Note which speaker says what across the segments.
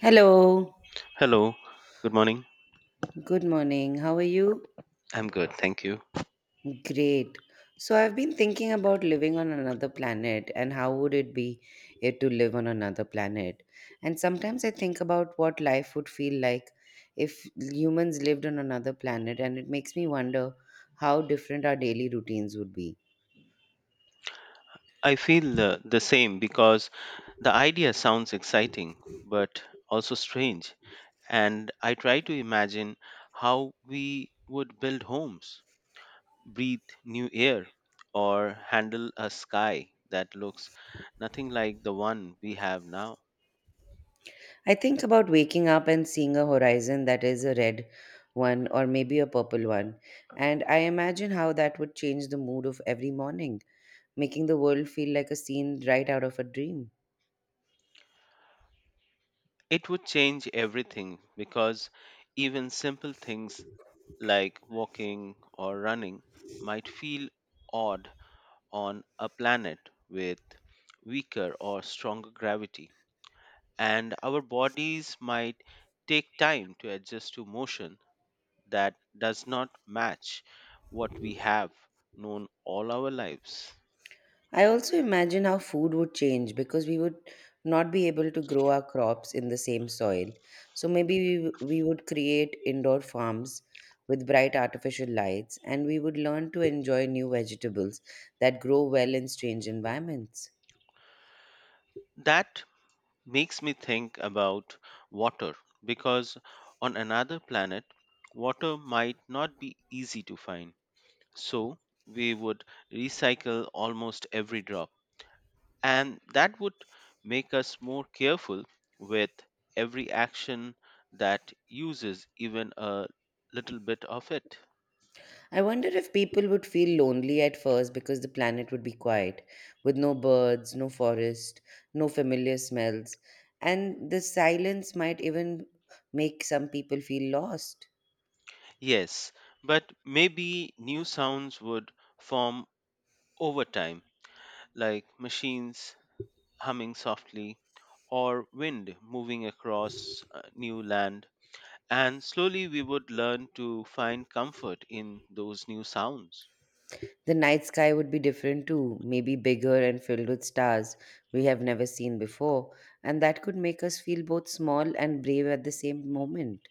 Speaker 1: Hello,
Speaker 2: Hello, good morning.
Speaker 1: good morning. How are you?
Speaker 2: I'm good, thank you.
Speaker 1: Great. So, I've been thinking about living on another planet and how would it be it to live on another planet. And sometimes I think about what life would feel like if humans lived on another planet, and it makes me wonder how different our daily routines would be.
Speaker 2: I feel the same because the idea sounds exciting but also strange. And I try to imagine how we would build homes, breathe new air, or handle a sky that looks nothing like the one we have now.
Speaker 1: I think about waking up and seeing a horizon that is a red one or maybe a purple one, and I imagine how that would change the mood of every morning, making the world feel like a scene right out of a dream.
Speaker 2: It would change everything because even simple things like walking or running might feel odd on a planet with weaker or stronger gravity, and our bodies might take time to adjust to motion that does not match what we have known all our lives.
Speaker 1: I also imagine how food would change because we would not be able to grow our crops in the same soil. So maybe we would create indoor farms with bright artificial lights and we would learn to enjoy new vegetables that grow well in strange environments.
Speaker 2: That makes me think about water because on another planet, water might not be easy to find. So, we would recycle almost every drop. And that would make us more careful with every action that uses even a little bit of it.
Speaker 1: I wonder if people would feel lonely at first because the planet would be quiet, with no birds, no forest, no familiar smells, and the silence might even make some people feel lost.
Speaker 2: Yes, but maybe new sounds would form over time, like machines humming softly or wind moving across new land. And slowly we would learn to find comfort in those new sounds.
Speaker 1: The night sky would be different too, maybe bigger and filled with stars we have never seen before, and that could make us feel both small and brave at the same moment.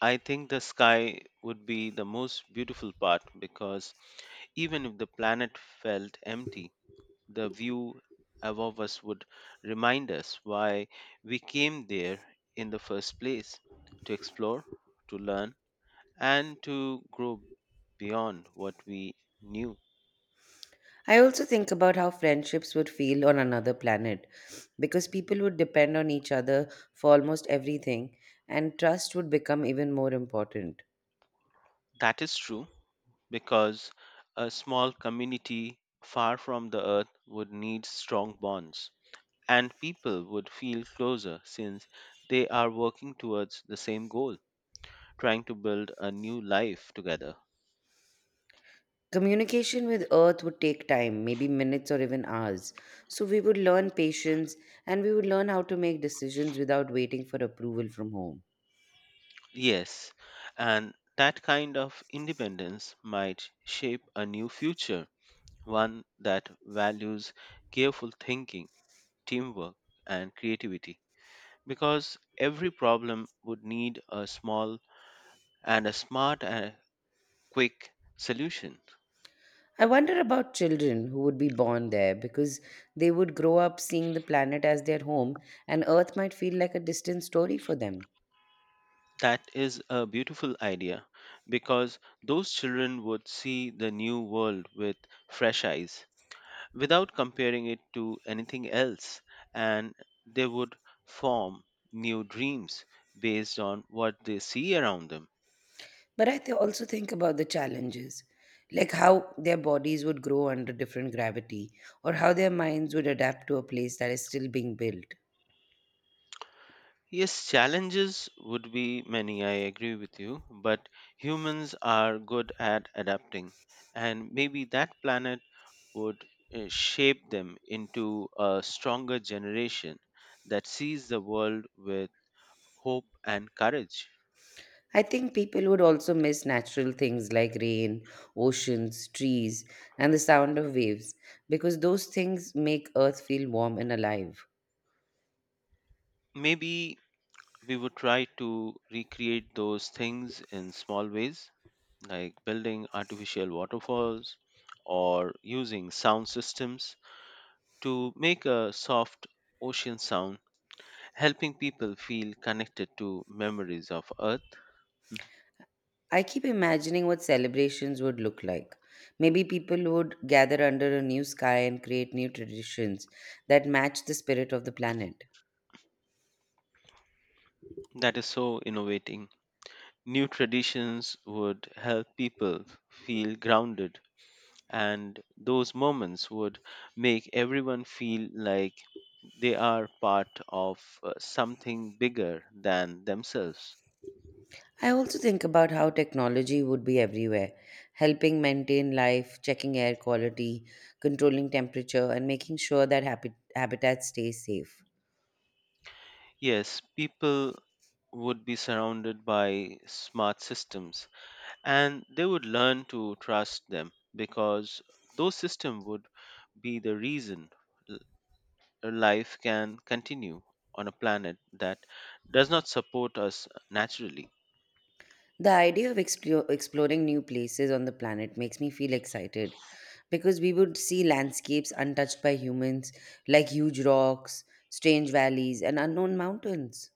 Speaker 2: I think the sky would be the most beautiful part because even if the planet felt empty, the view above us would remind us why we came there in the first place, to explore, to learn, and to grow beyond what we knew.
Speaker 1: I also think about how friendships would feel on another planet because people would depend on each other for almost everything and trust would become even more important.
Speaker 2: That is true because a small community far from the earth would need strong bonds, and people would feel closer since they are working towards the same goal, trying to build a new life together.
Speaker 1: Communication with Earth would take time, maybe minutes or even hours. So we would learn patience and we would learn how to make decisions without waiting for approval from home.
Speaker 2: Yes, and that kind of independence might shape a new future, one that values careful thinking, teamwork, and creativity. Because every problem would need a small and a smart and quick solution.
Speaker 1: I wonder about children who would be born there because they would grow up seeing the planet as their home and Earth might feel like a distant story for them.
Speaker 2: That is a beautiful idea because those children would see the new world with fresh eyes, without comparing it to anything else, and they would form new dreams based on what they see around them.
Speaker 1: But I also think about the challenges, like how their bodies would grow under different gravity or how their minds would adapt to a place that is still being built.
Speaker 2: Yes, challenges would be many, I agree with you, but humans are good at adapting, and maybe that planet would shape them into a stronger generation that sees the world with hope and courage.
Speaker 1: I think people would also miss natural things like rain, oceans, trees, and the sound of waves because those things make Earth feel warm and alive.
Speaker 2: Maybe we would try to recreate those things in small ways, like building artificial waterfalls or using sound systems to make a soft ocean sound, helping people feel connected to memories of Earth.
Speaker 1: I keep imagining what celebrations would look like. Maybe people would gather under a new sky and create new traditions that match the spirit of the planet.
Speaker 2: That is so innovating. New traditions would help people feel grounded and those moments would make everyone feel like they are part of something bigger than themselves.
Speaker 1: I also think about how technology would be everywhere, helping maintain life, checking air quality, controlling temperature, and making sure that habitats stay safe.
Speaker 2: Yes, people would be surrounded by smart systems and they would learn to trust them because those systems would be the reason l- life can continue on a planet that does not support us naturally.
Speaker 1: The idea of exploring new places on the planet makes me feel excited because we would see landscapes untouched by humans, like huge rocks, strange valleys, and unknown mountains.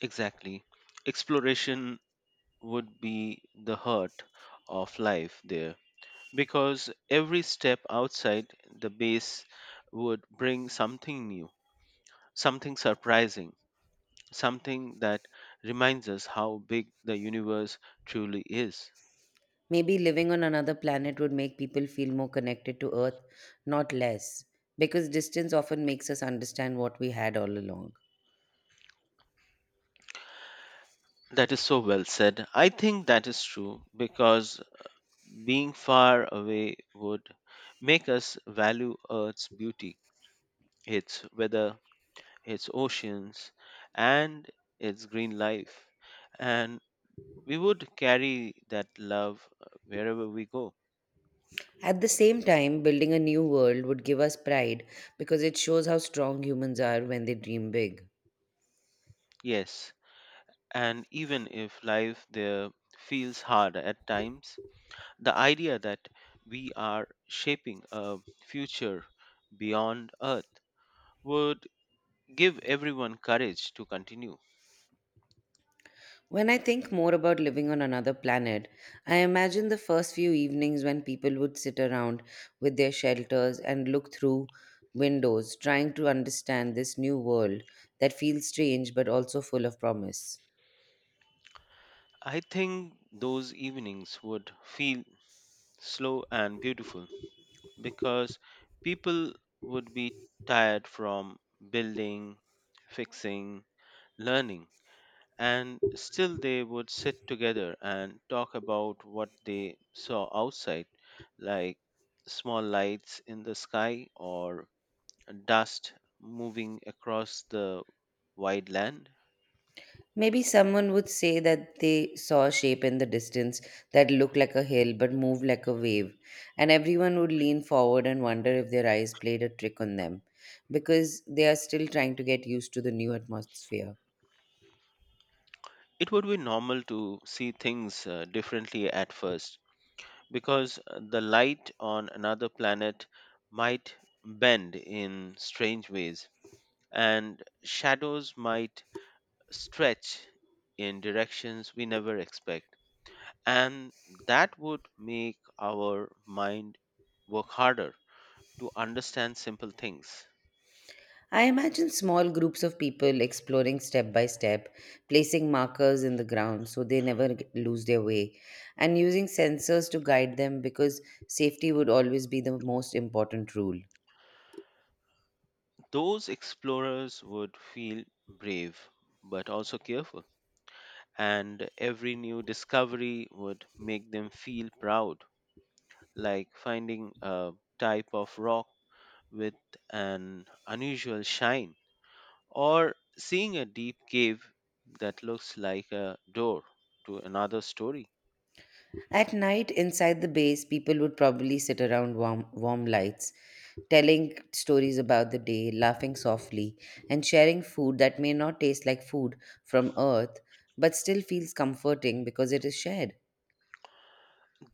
Speaker 2: Exactly. Exploration would be the heart of life there because every step outside the base would bring something new, something surprising, something that reminds us how big the universe truly is.
Speaker 1: Maybe living on another planet would make people feel more connected to Earth, not less, because distance often makes us understand what we had all along.
Speaker 2: That is so well said. I think that is true because being far away would make us value Earth's beauty, its weather, its oceans, and its green life. And we would carry that love wherever we go.
Speaker 1: At the same time, building a new world would give us pride because it shows how strong humans are when they dream big.
Speaker 2: Yes, and even if life there feels hard at times, the idea that we are shaping a future beyond Earth would give everyone courage to continue.
Speaker 1: When I think more about living on another planet, I imagine the first few evenings when people would sit around with their shelters and look through windows, trying to understand this new world that feels strange but also full of promise.
Speaker 2: I think those evenings would feel slow and beautiful because people would be tired from building, fixing, learning, and still they would sit together and talk about what they saw outside, like small lights in the sky or dust moving across the wide land.
Speaker 1: Maybe someone would say that they saw a shape in the distance that looked like a hill but moved like a wave, and everyone would lean forward and wonder if their eyes played a trick on them because they are still trying to get used to the new atmosphere.
Speaker 2: It would be normal to see things differently at first because the light on another planet might bend in strange ways and shadows might stretch in directions we never expect, and that would make our mind work harder to understand simple things.
Speaker 1: I imagine small groups of people exploring step by step, placing markers in the ground so they never lose their way, and using sensors to guide them because safety would always be the most important rule.
Speaker 2: Those explorers would feel brave but also careful, and every new discovery would make them feel proud, like finding a type of rock with an unusual shine or seeing a deep cave that looks like a door to another story.
Speaker 1: At night, inside the base, people would probably sit around warm lights, telling stories about the day, laughing softly, and sharing food that may not taste like food from Earth, but still feels comforting because it is shared.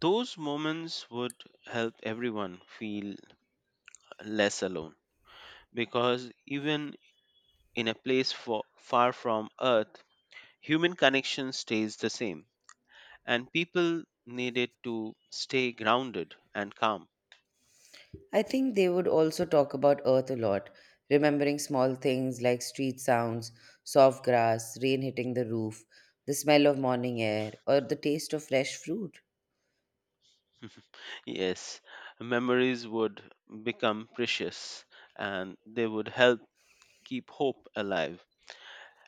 Speaker 2: Those moments would help everyone feel less alone because even in a place far from Earth, human connection stays the same and people need it to stay grounded and calm.
Speaker 1: I think they would also talk about Earth a lot, remembering small things like street sounds, soft grass, rain hitting the roof, the smell of morning air, or the taste of fresh fruit.
Speaker 2: Yes, memories would become precious and they would help keep hope alive.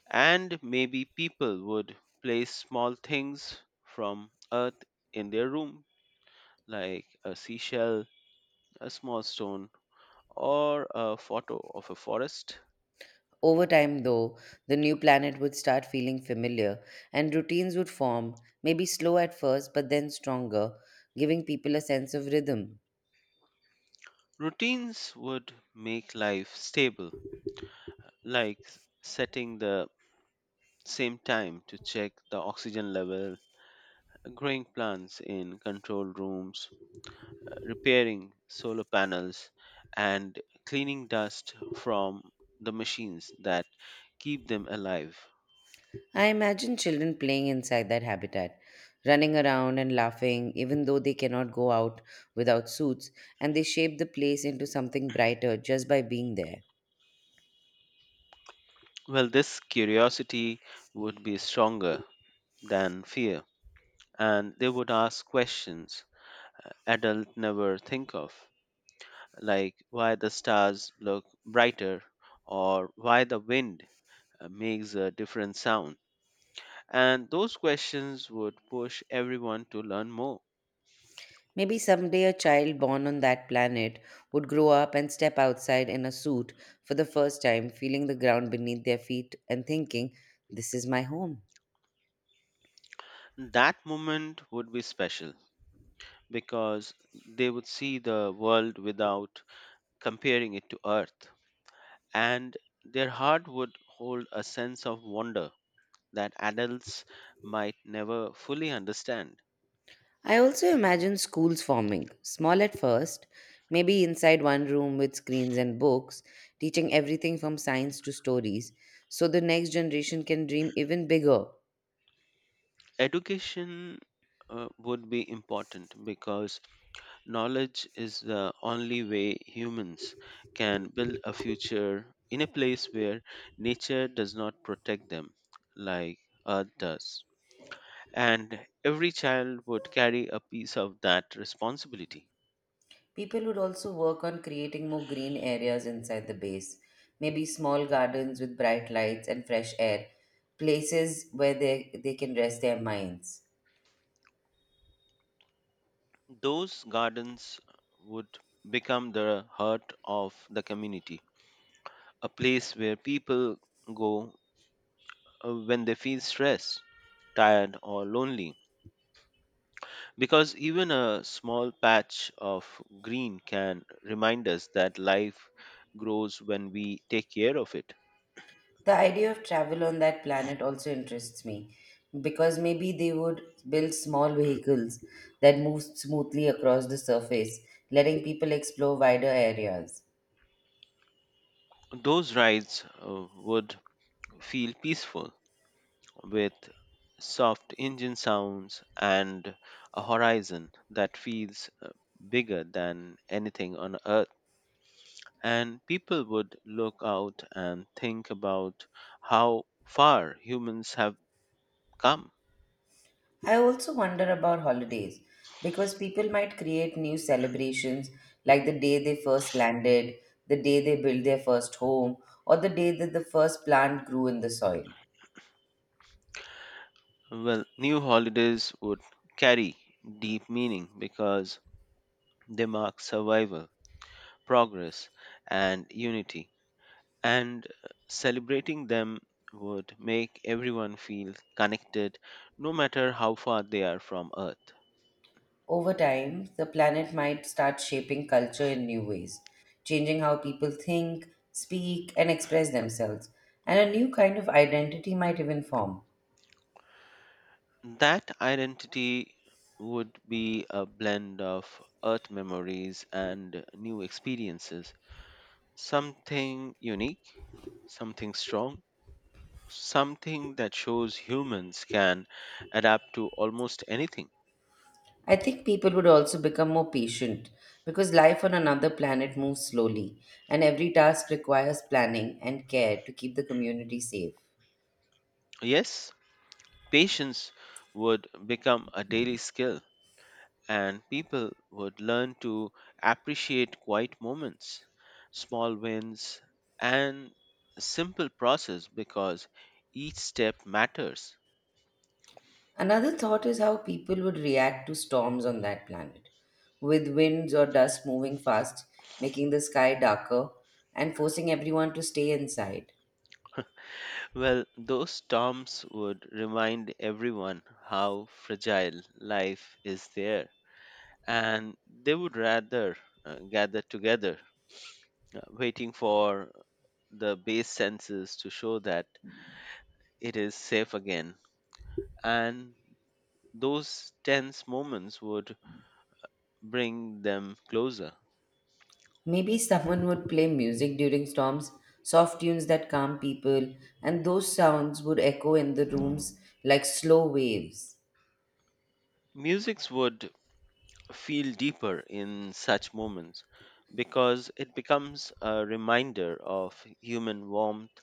Speaker 2: And maybe people would place small things from Earth in their room, like a seashell, a small stone, or a photo of a forest.
Speaker 1: Over time, though, the new planet would start feeling familiar and routines would form, maybe slow at first, but then stronger, giving people a sense of rhythm.
Speaker 2: Routines would make life stable, like setting the same time to check the oxygen level, growing plants in controlled rooms, repairing solar panels, and cleaning dust from the machines that keep them alive.
Speaker 1: I imagine children playing inside that habitat, running around and laughing, even though they cannot go out without suits, and they shape the place into something brighter just by being there.
Speaker 2: Well, this curiosity would be stronger than fear, and they would ask questions adults never think of, like why the stars look brighter or why the wind makes a different sound. And those questions would push everyone to learn more.
Speaker 1: Maybe someday a child born on that planet would grow up and step outside in a suit for the first time, feeling the ground beneath their feet and thinking, this is my home.
Speaker 2: That moment would be special because they would see the world without comparing it to Earth. And their heart would hold a sense of wonder that adults might never fully understand.
Speaker 1: I also imagine schools forming, small at first, maybe inside one room with screens and books, teaching everything from science to stories, so the next generation can dream even bigger.
Speaker 2: Education would be important because knowledge is the only way humans can build a future in a place where nature does not protect them like Earth does. And every child would carry a piece of that responsibility.
Speaker 1: People would also work on creating more green areas inside the base, maybe small gardens with bright lights and fresh air, places where they can rest their minds.
Speaker 2: Those gardens would become the heart of the community, a place where people go when they feel stressed, tired, or lonely. Because even a small patch of green can remind us that life grows when we take care of it.
Speaker 1: The idea of travel on that planet also interests me because maybe they would build small vehicles that move smoothly across the surface, letting people explore wider areas.
Speaker 2: Those rides would feel peaceful with soft engine sounds and a horizon that feels bigger than anything on earth. And people would look out and think about how far humans have come.
Speaker 1: I also wonder about holidays because people might create new celebrations like the day they first landed, the day they built their first home, or the day that the first plant grew in the soil.
Speaker 2: Well, new holidays would carry deep meaning because they mark survival, progress, and unity. And celebrating them would make everyone feel connected no matter how far they are from Earth.
Speaker 1: Over time, the planet might start shaping culture in new ways, changing how people think, speak, and express themselves, and a new kind of identity might even form.
Speaker 2: That identity would be a blend of Earth memories and new experiences, something unique, something strong, something that shows humans can adapt to almost anything.
Speaker 1: I think people would also become more patient because life on another planet moves slowly, and every task requires planning and care to keep the community safe.
Speaker 2: Yes, patience would become a daily skill, and people would learn to appreciate quiet moments, small wins, and simple process because each step matters.
Speaker 1: Another thought is how people would react to storms on that planet, with winds or dust moving fast, making the sky darker and forcing everyone to stay inside.
Speaker 2: Well, those storms would remind everyone how fragile life is there, and they would rather gather together waiting for the base senses to show that it is safe again. And those tense moments would bring them closer.
Speaker 1: Maybe someone would play music during storms, soft tunes that calm people, and those sounds would echo in the rooms like slow waves.
Speaker 2: Musics would feel deeper in such moments because it becomes a reminder of human warmth,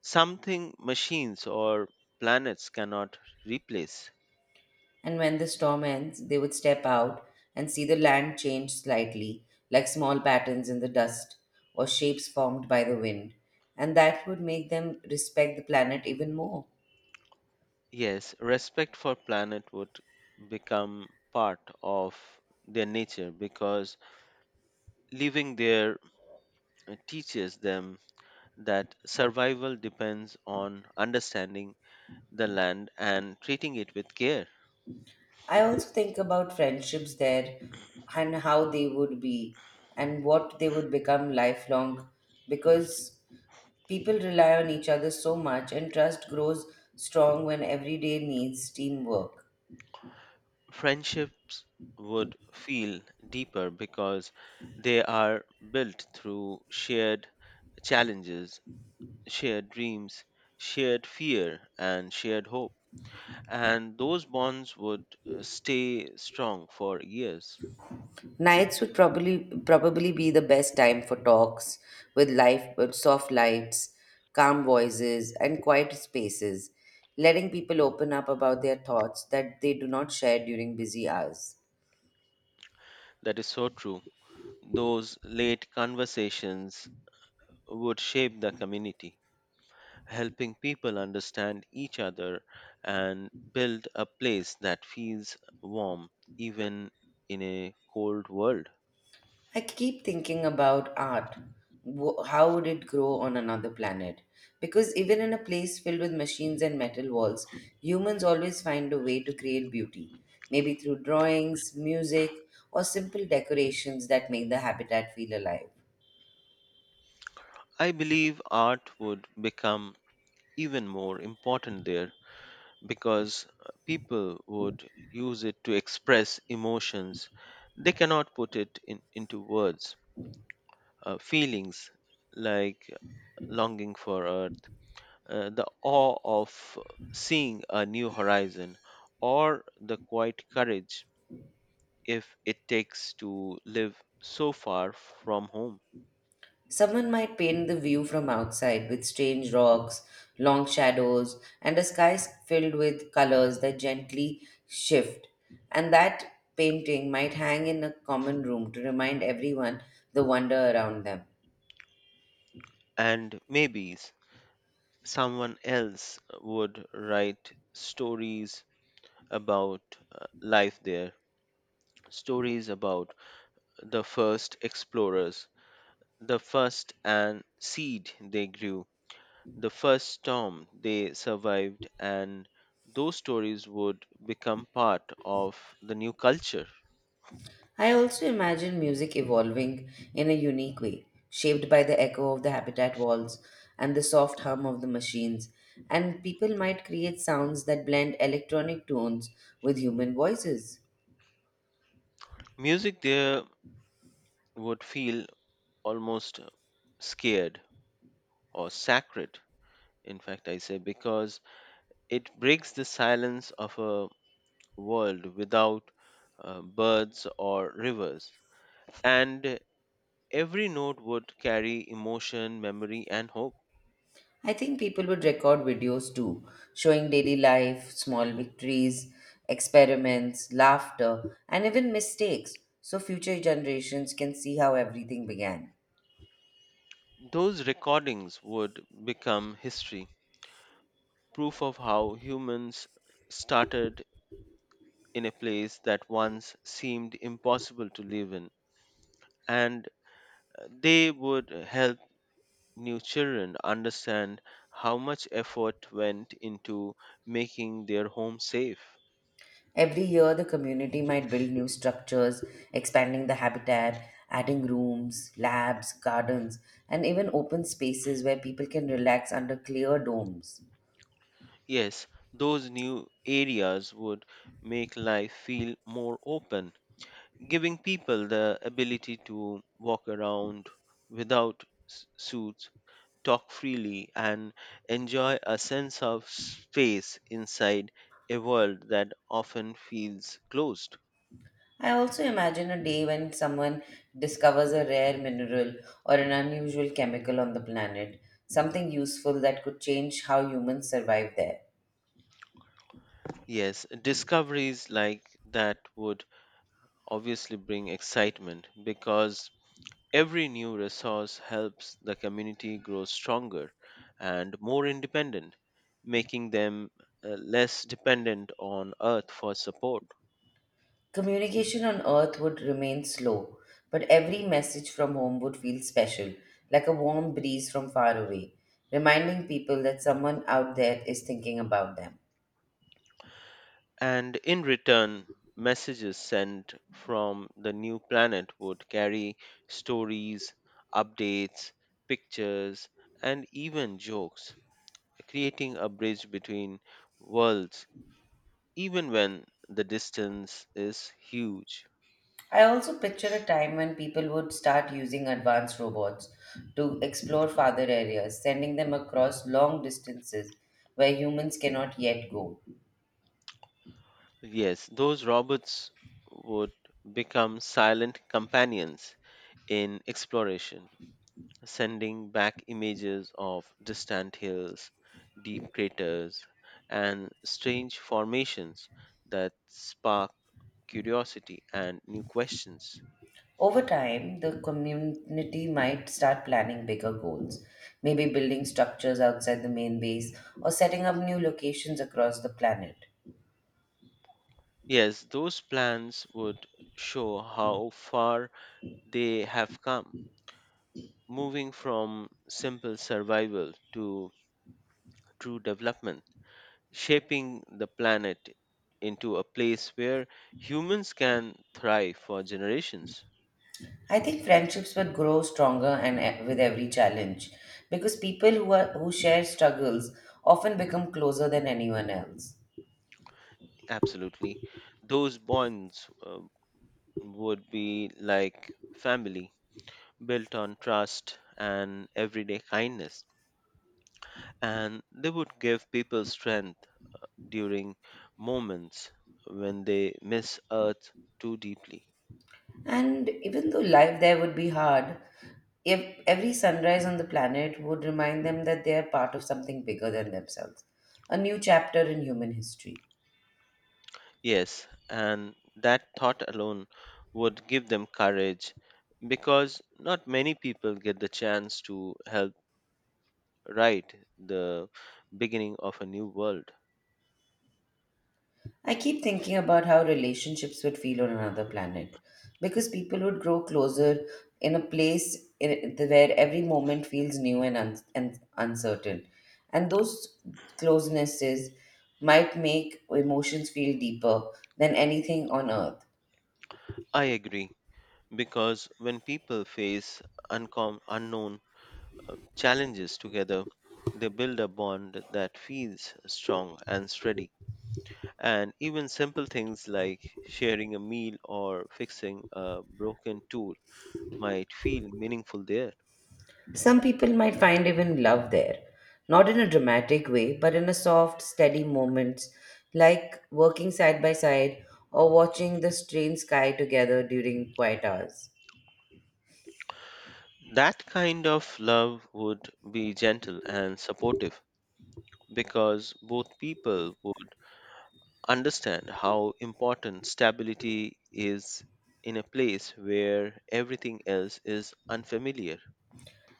Speaker 2: something machines or planets cannot replace.
Speaker 1: And when the storm ends, they would step out and see the land change slightly, like small patterns in the dust or shapes formed by the wind. And that would make them respect the planet even more.
Speaker 2: Yes, respect for planet would become part of their nature because living there teaches them that survival depends on understanding the land and treating it with care.
Speaker 1: I also think about friendships there and how they would be and what they would become lifelong because people rely on each other so much and trust grows strong when everyday needs teamwork.
Speaker 2: Friendships would feel deeper because they are built through shared challenges, shared dreams, shared fear, and shared hope. And those bonds would stay strong for years.
Speaker 1: Nights would probably be the best time for talks with life with soft lights, calm voices, and quiet spaces, letting people open up about their thoughts that they do not share during busy hours.
Speaker 2: That is so true. Those late conversations would shape the community, helping people understand each other and build a place that feels warm even in a cold world.
Speaker 1: I keep thinking about art. How would it grow on another planet? Because even in a place filled with machines and metal walls, humans always find a way to create beauty, maybe through drawings, music, or simple decorations that make the habitat feel alive.
Speaker 2: I believe art would become even more important there because people would use it to express emotions they cannot into words, feelings like longing for a the awe of seeing a new horizon, or the quiet courage if it takes to live so far from home.
Speaker 1: Someone might paint the view from outside with strange rocks, long shadows, and a sky filled with colors that gently shift. And that painting might hang in a common room to remind everyone the wonder around them.
Speaker 2: And maybe someone else would write stories about life there, stories about the first explorers, the first and seed they grew, the first storm they survived, and those stories would become part of the new culture.
Speaker 1: I also imagine music evolving in a unique way, shaped by the echo of the habitat walls and the soft hum of the machines. And people might create sounds that blend electronic tones with human voices.
Speaker 2: Music there would feel almost scared or sacred, in fact, I say, because it breaks the silence of a world without birds or rivers. And every note would carry emotion, memory, and hope.
Speaker 1: I think people would record videos too, showing daily life, small victories, experiments, laughter, and even mistakes, so future generations can see how everything began.
Speaker 2: Those recordings would become history, proof of how humans started in a place that once seemed impossible to live in. And they would help new children understand how much effort went into making their home safe.
Speaker 1: Every year, the community might build new structures, expanding the habitat, adding rooms, labs, gardens, and even open spaces where people can relax under clear domes.
Speaker 2: Yes, those new areas would make life feel more open, giving people the ability to walk around without suits, talk freely, and enjoy a sense of space inside a world that often feels closed.
Speaker 1: I also imagine a day when someone discovers a rare mineral or an unusual chemical on the planet, something useful that could change how humans survive there.
Speaker 2: Yes, discoveries like that would obviously bring excitement because every new resource helps the community grow stronger and more independent, making them less dependent on Earth for support.
Speaker 1: Communication on Earth would remain slow, but every message from home would feel special, like a warm breeze from far away, reminding people that someone out there is thinking about them.
Speaker 2: And in return, messages sent from the new planet would carry stories, updates, pictures, and even jokes, creating a bridge between worlds, even when the distance is huge.
Speaker 1: I also picture a time when people would start using advanced robots to explore farther areas, sending them across long distances where humans cannot yet go.
Speaker 2: Yes, those robots would become silent companions in exploration, sending back images of distant hills, deep craters, and strange formations that spark curiosity and new questions.
Speaker 1: Over time, the community might start planning bigger goals, maybe building structures outside the main base or setting up new locations across the planet.
Speaker 2: Yes, those plans would show how far they have come, moving from simple survival to true development, shaping the planet into a place where humans can thrive for generations.
Speaker 1: I think friendships would grow stronger and with every challenge because people who share struggles often become closer than anyone else.
Speaker 2: Absolutely. Those bonds would be like family, built on trust and everyday kindness. And they would give people strength during moments when they miss Earth too deeply.
Speaker 1: And even though life there would be hard, if every sunrise on the planet would remind them that they are part of something bigger than themselves, a new chapter in human history.
Speaker 2: Yes, and that thought alone would give them courage because not many people get the chance to help write the beginning of a new world.
Speaker 1: I keep thinking about how relationships would feel on another planet because people would grow closer in a place where every moment feels new and uncertain. And those closenesses might make emotions feel deeper than anything on earth.
Speaker 2: I agree because when people face unknown challenges together, they build a bond that feels strong and steady. And even simple things like sharing a meal or fixing a broken tool might feel meaningful there.
Speaker 1: Some people might find even love there, not in a dramatic way, but in a soft, steady moments, like working side by side or watching the strange sky together during quiet hours.
Speaker 2: That kind of love would be gentle and supportive because both people would understand how important stability is in a place where everything else is unfamiliar.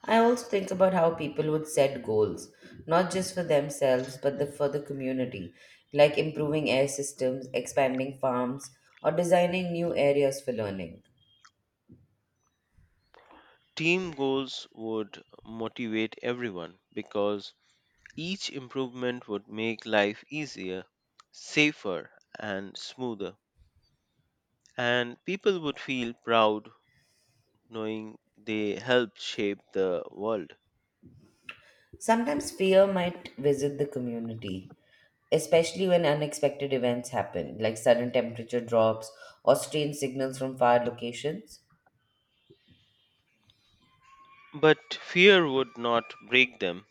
Speaker 1: I also think about how people would set goals, not just for themselves, but for the community, like improving air systems, expanding farms, or designing new areas for learning.
Speaker 2: Team goals would motivate everyone because each improvement would make life easier, safer, and smoother. And people would feel proud knowing they helped shape the world.
Speaker 1: Sometimes fear might visit the community, especially when unexpected events happen, like sudden temperature drops or strange signals from far locations.
Speaker 2: But fear would not break them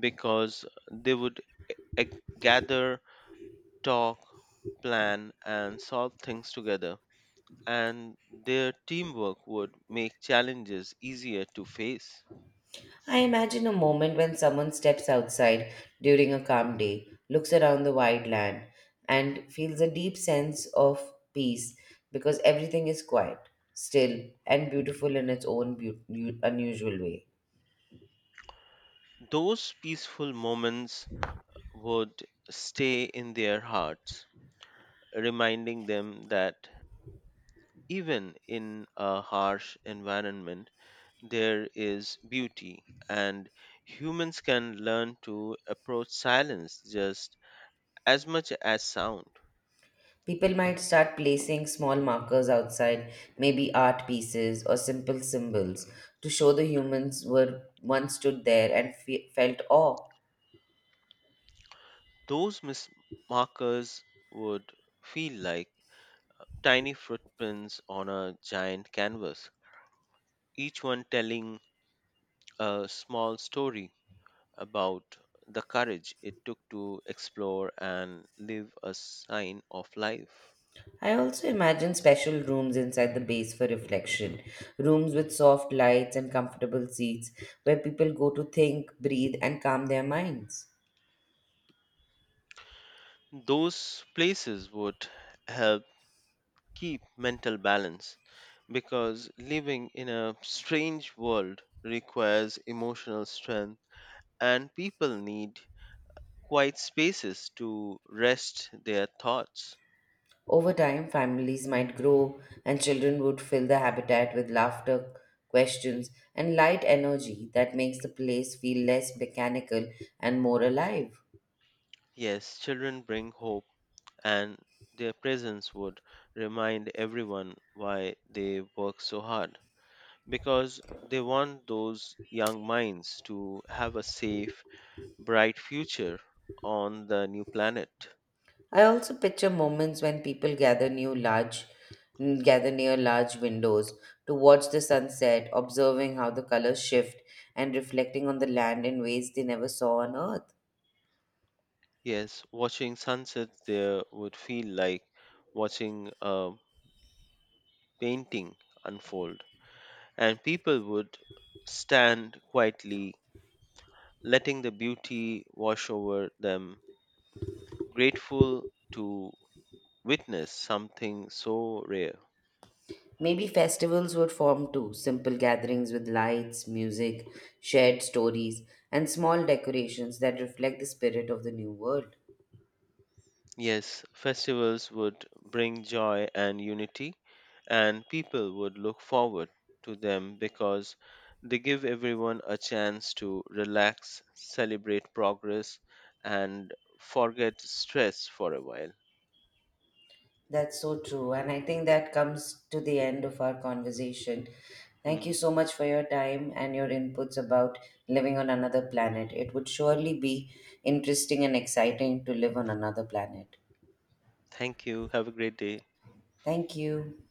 Speaker 2: because they would gather, talk, plan, and solve things together, and their teamwork would make challenges easier to face.
Speaker 1: I imagine a moment when someone steps outside during a calm day, looks around the wide land, and feels a deep sense of peace because everything is quiet, still, and beautiful in its own unusual way.
Speaker 2: Those peaceful moments would stay in their hearts, reminding them that even in a harsh environment, there is beauty, and humans can learn to approach silence just as much as sound.
Speaker 1: People might start placing small markers outside, maybe art pieces or simple symbols, to show the humans were once stood there and felt awe.
Speaker 2: Those markers would feel like tiny footprints on a giant canvas, each one telling a small story about the courage it took to explore and live a sign of life.
Speaker 1: I also imagine special rooms inside the base for reflection, rooms with soft lights and comfortable seats where people go to think, breathe, and calm their minds.
Speaker 2: Those places would help keep mental balance because living in a strange world requires emotional strength, and people need quiet spaces to rest their thoughts.
Speaker 1: Over time, families might grow, and children would fill the habitat with laughter, questions, and light energy that makes the place feel less mechanical and more alive.
Speaker 2: Yes, children bring hope and their presence would remind everyone why they work so hard because they want those young minds to have a safe, bright future on the new planet.
Speaker 1: I also picture moments when people gather near large windows to watch the sunset, observing how the colors shift and reflecting on the land in ways they never saw on earth.
Speaker 2: Yes, watching sunsets there would feel like watching a painting unfold, and people would stand quietly, letting the beauty wash over them, grateful to witness something so rare.
Speaker 1: Maybe festivals would form too simple gatherings with lights, music, shared stories, and small decorations that reflect the spirit of the new world.
Speaker 2: Yes, festivals would bring joy and unity, and people would look forward to them because they give everyone a chance to relax, celebrate progress, and forget stress for a while.
Speaker 1: That's so true. And I think that comes to the end of our conversation. Thank you
Speaker 2: Mhm.
Speaker 1: so much for your time and your inputs about living on another planet. It would surely be interesting and exciting to live on another planet.
Speaker 2: Thank you. Have a great day.
Speaker 1: Thank you.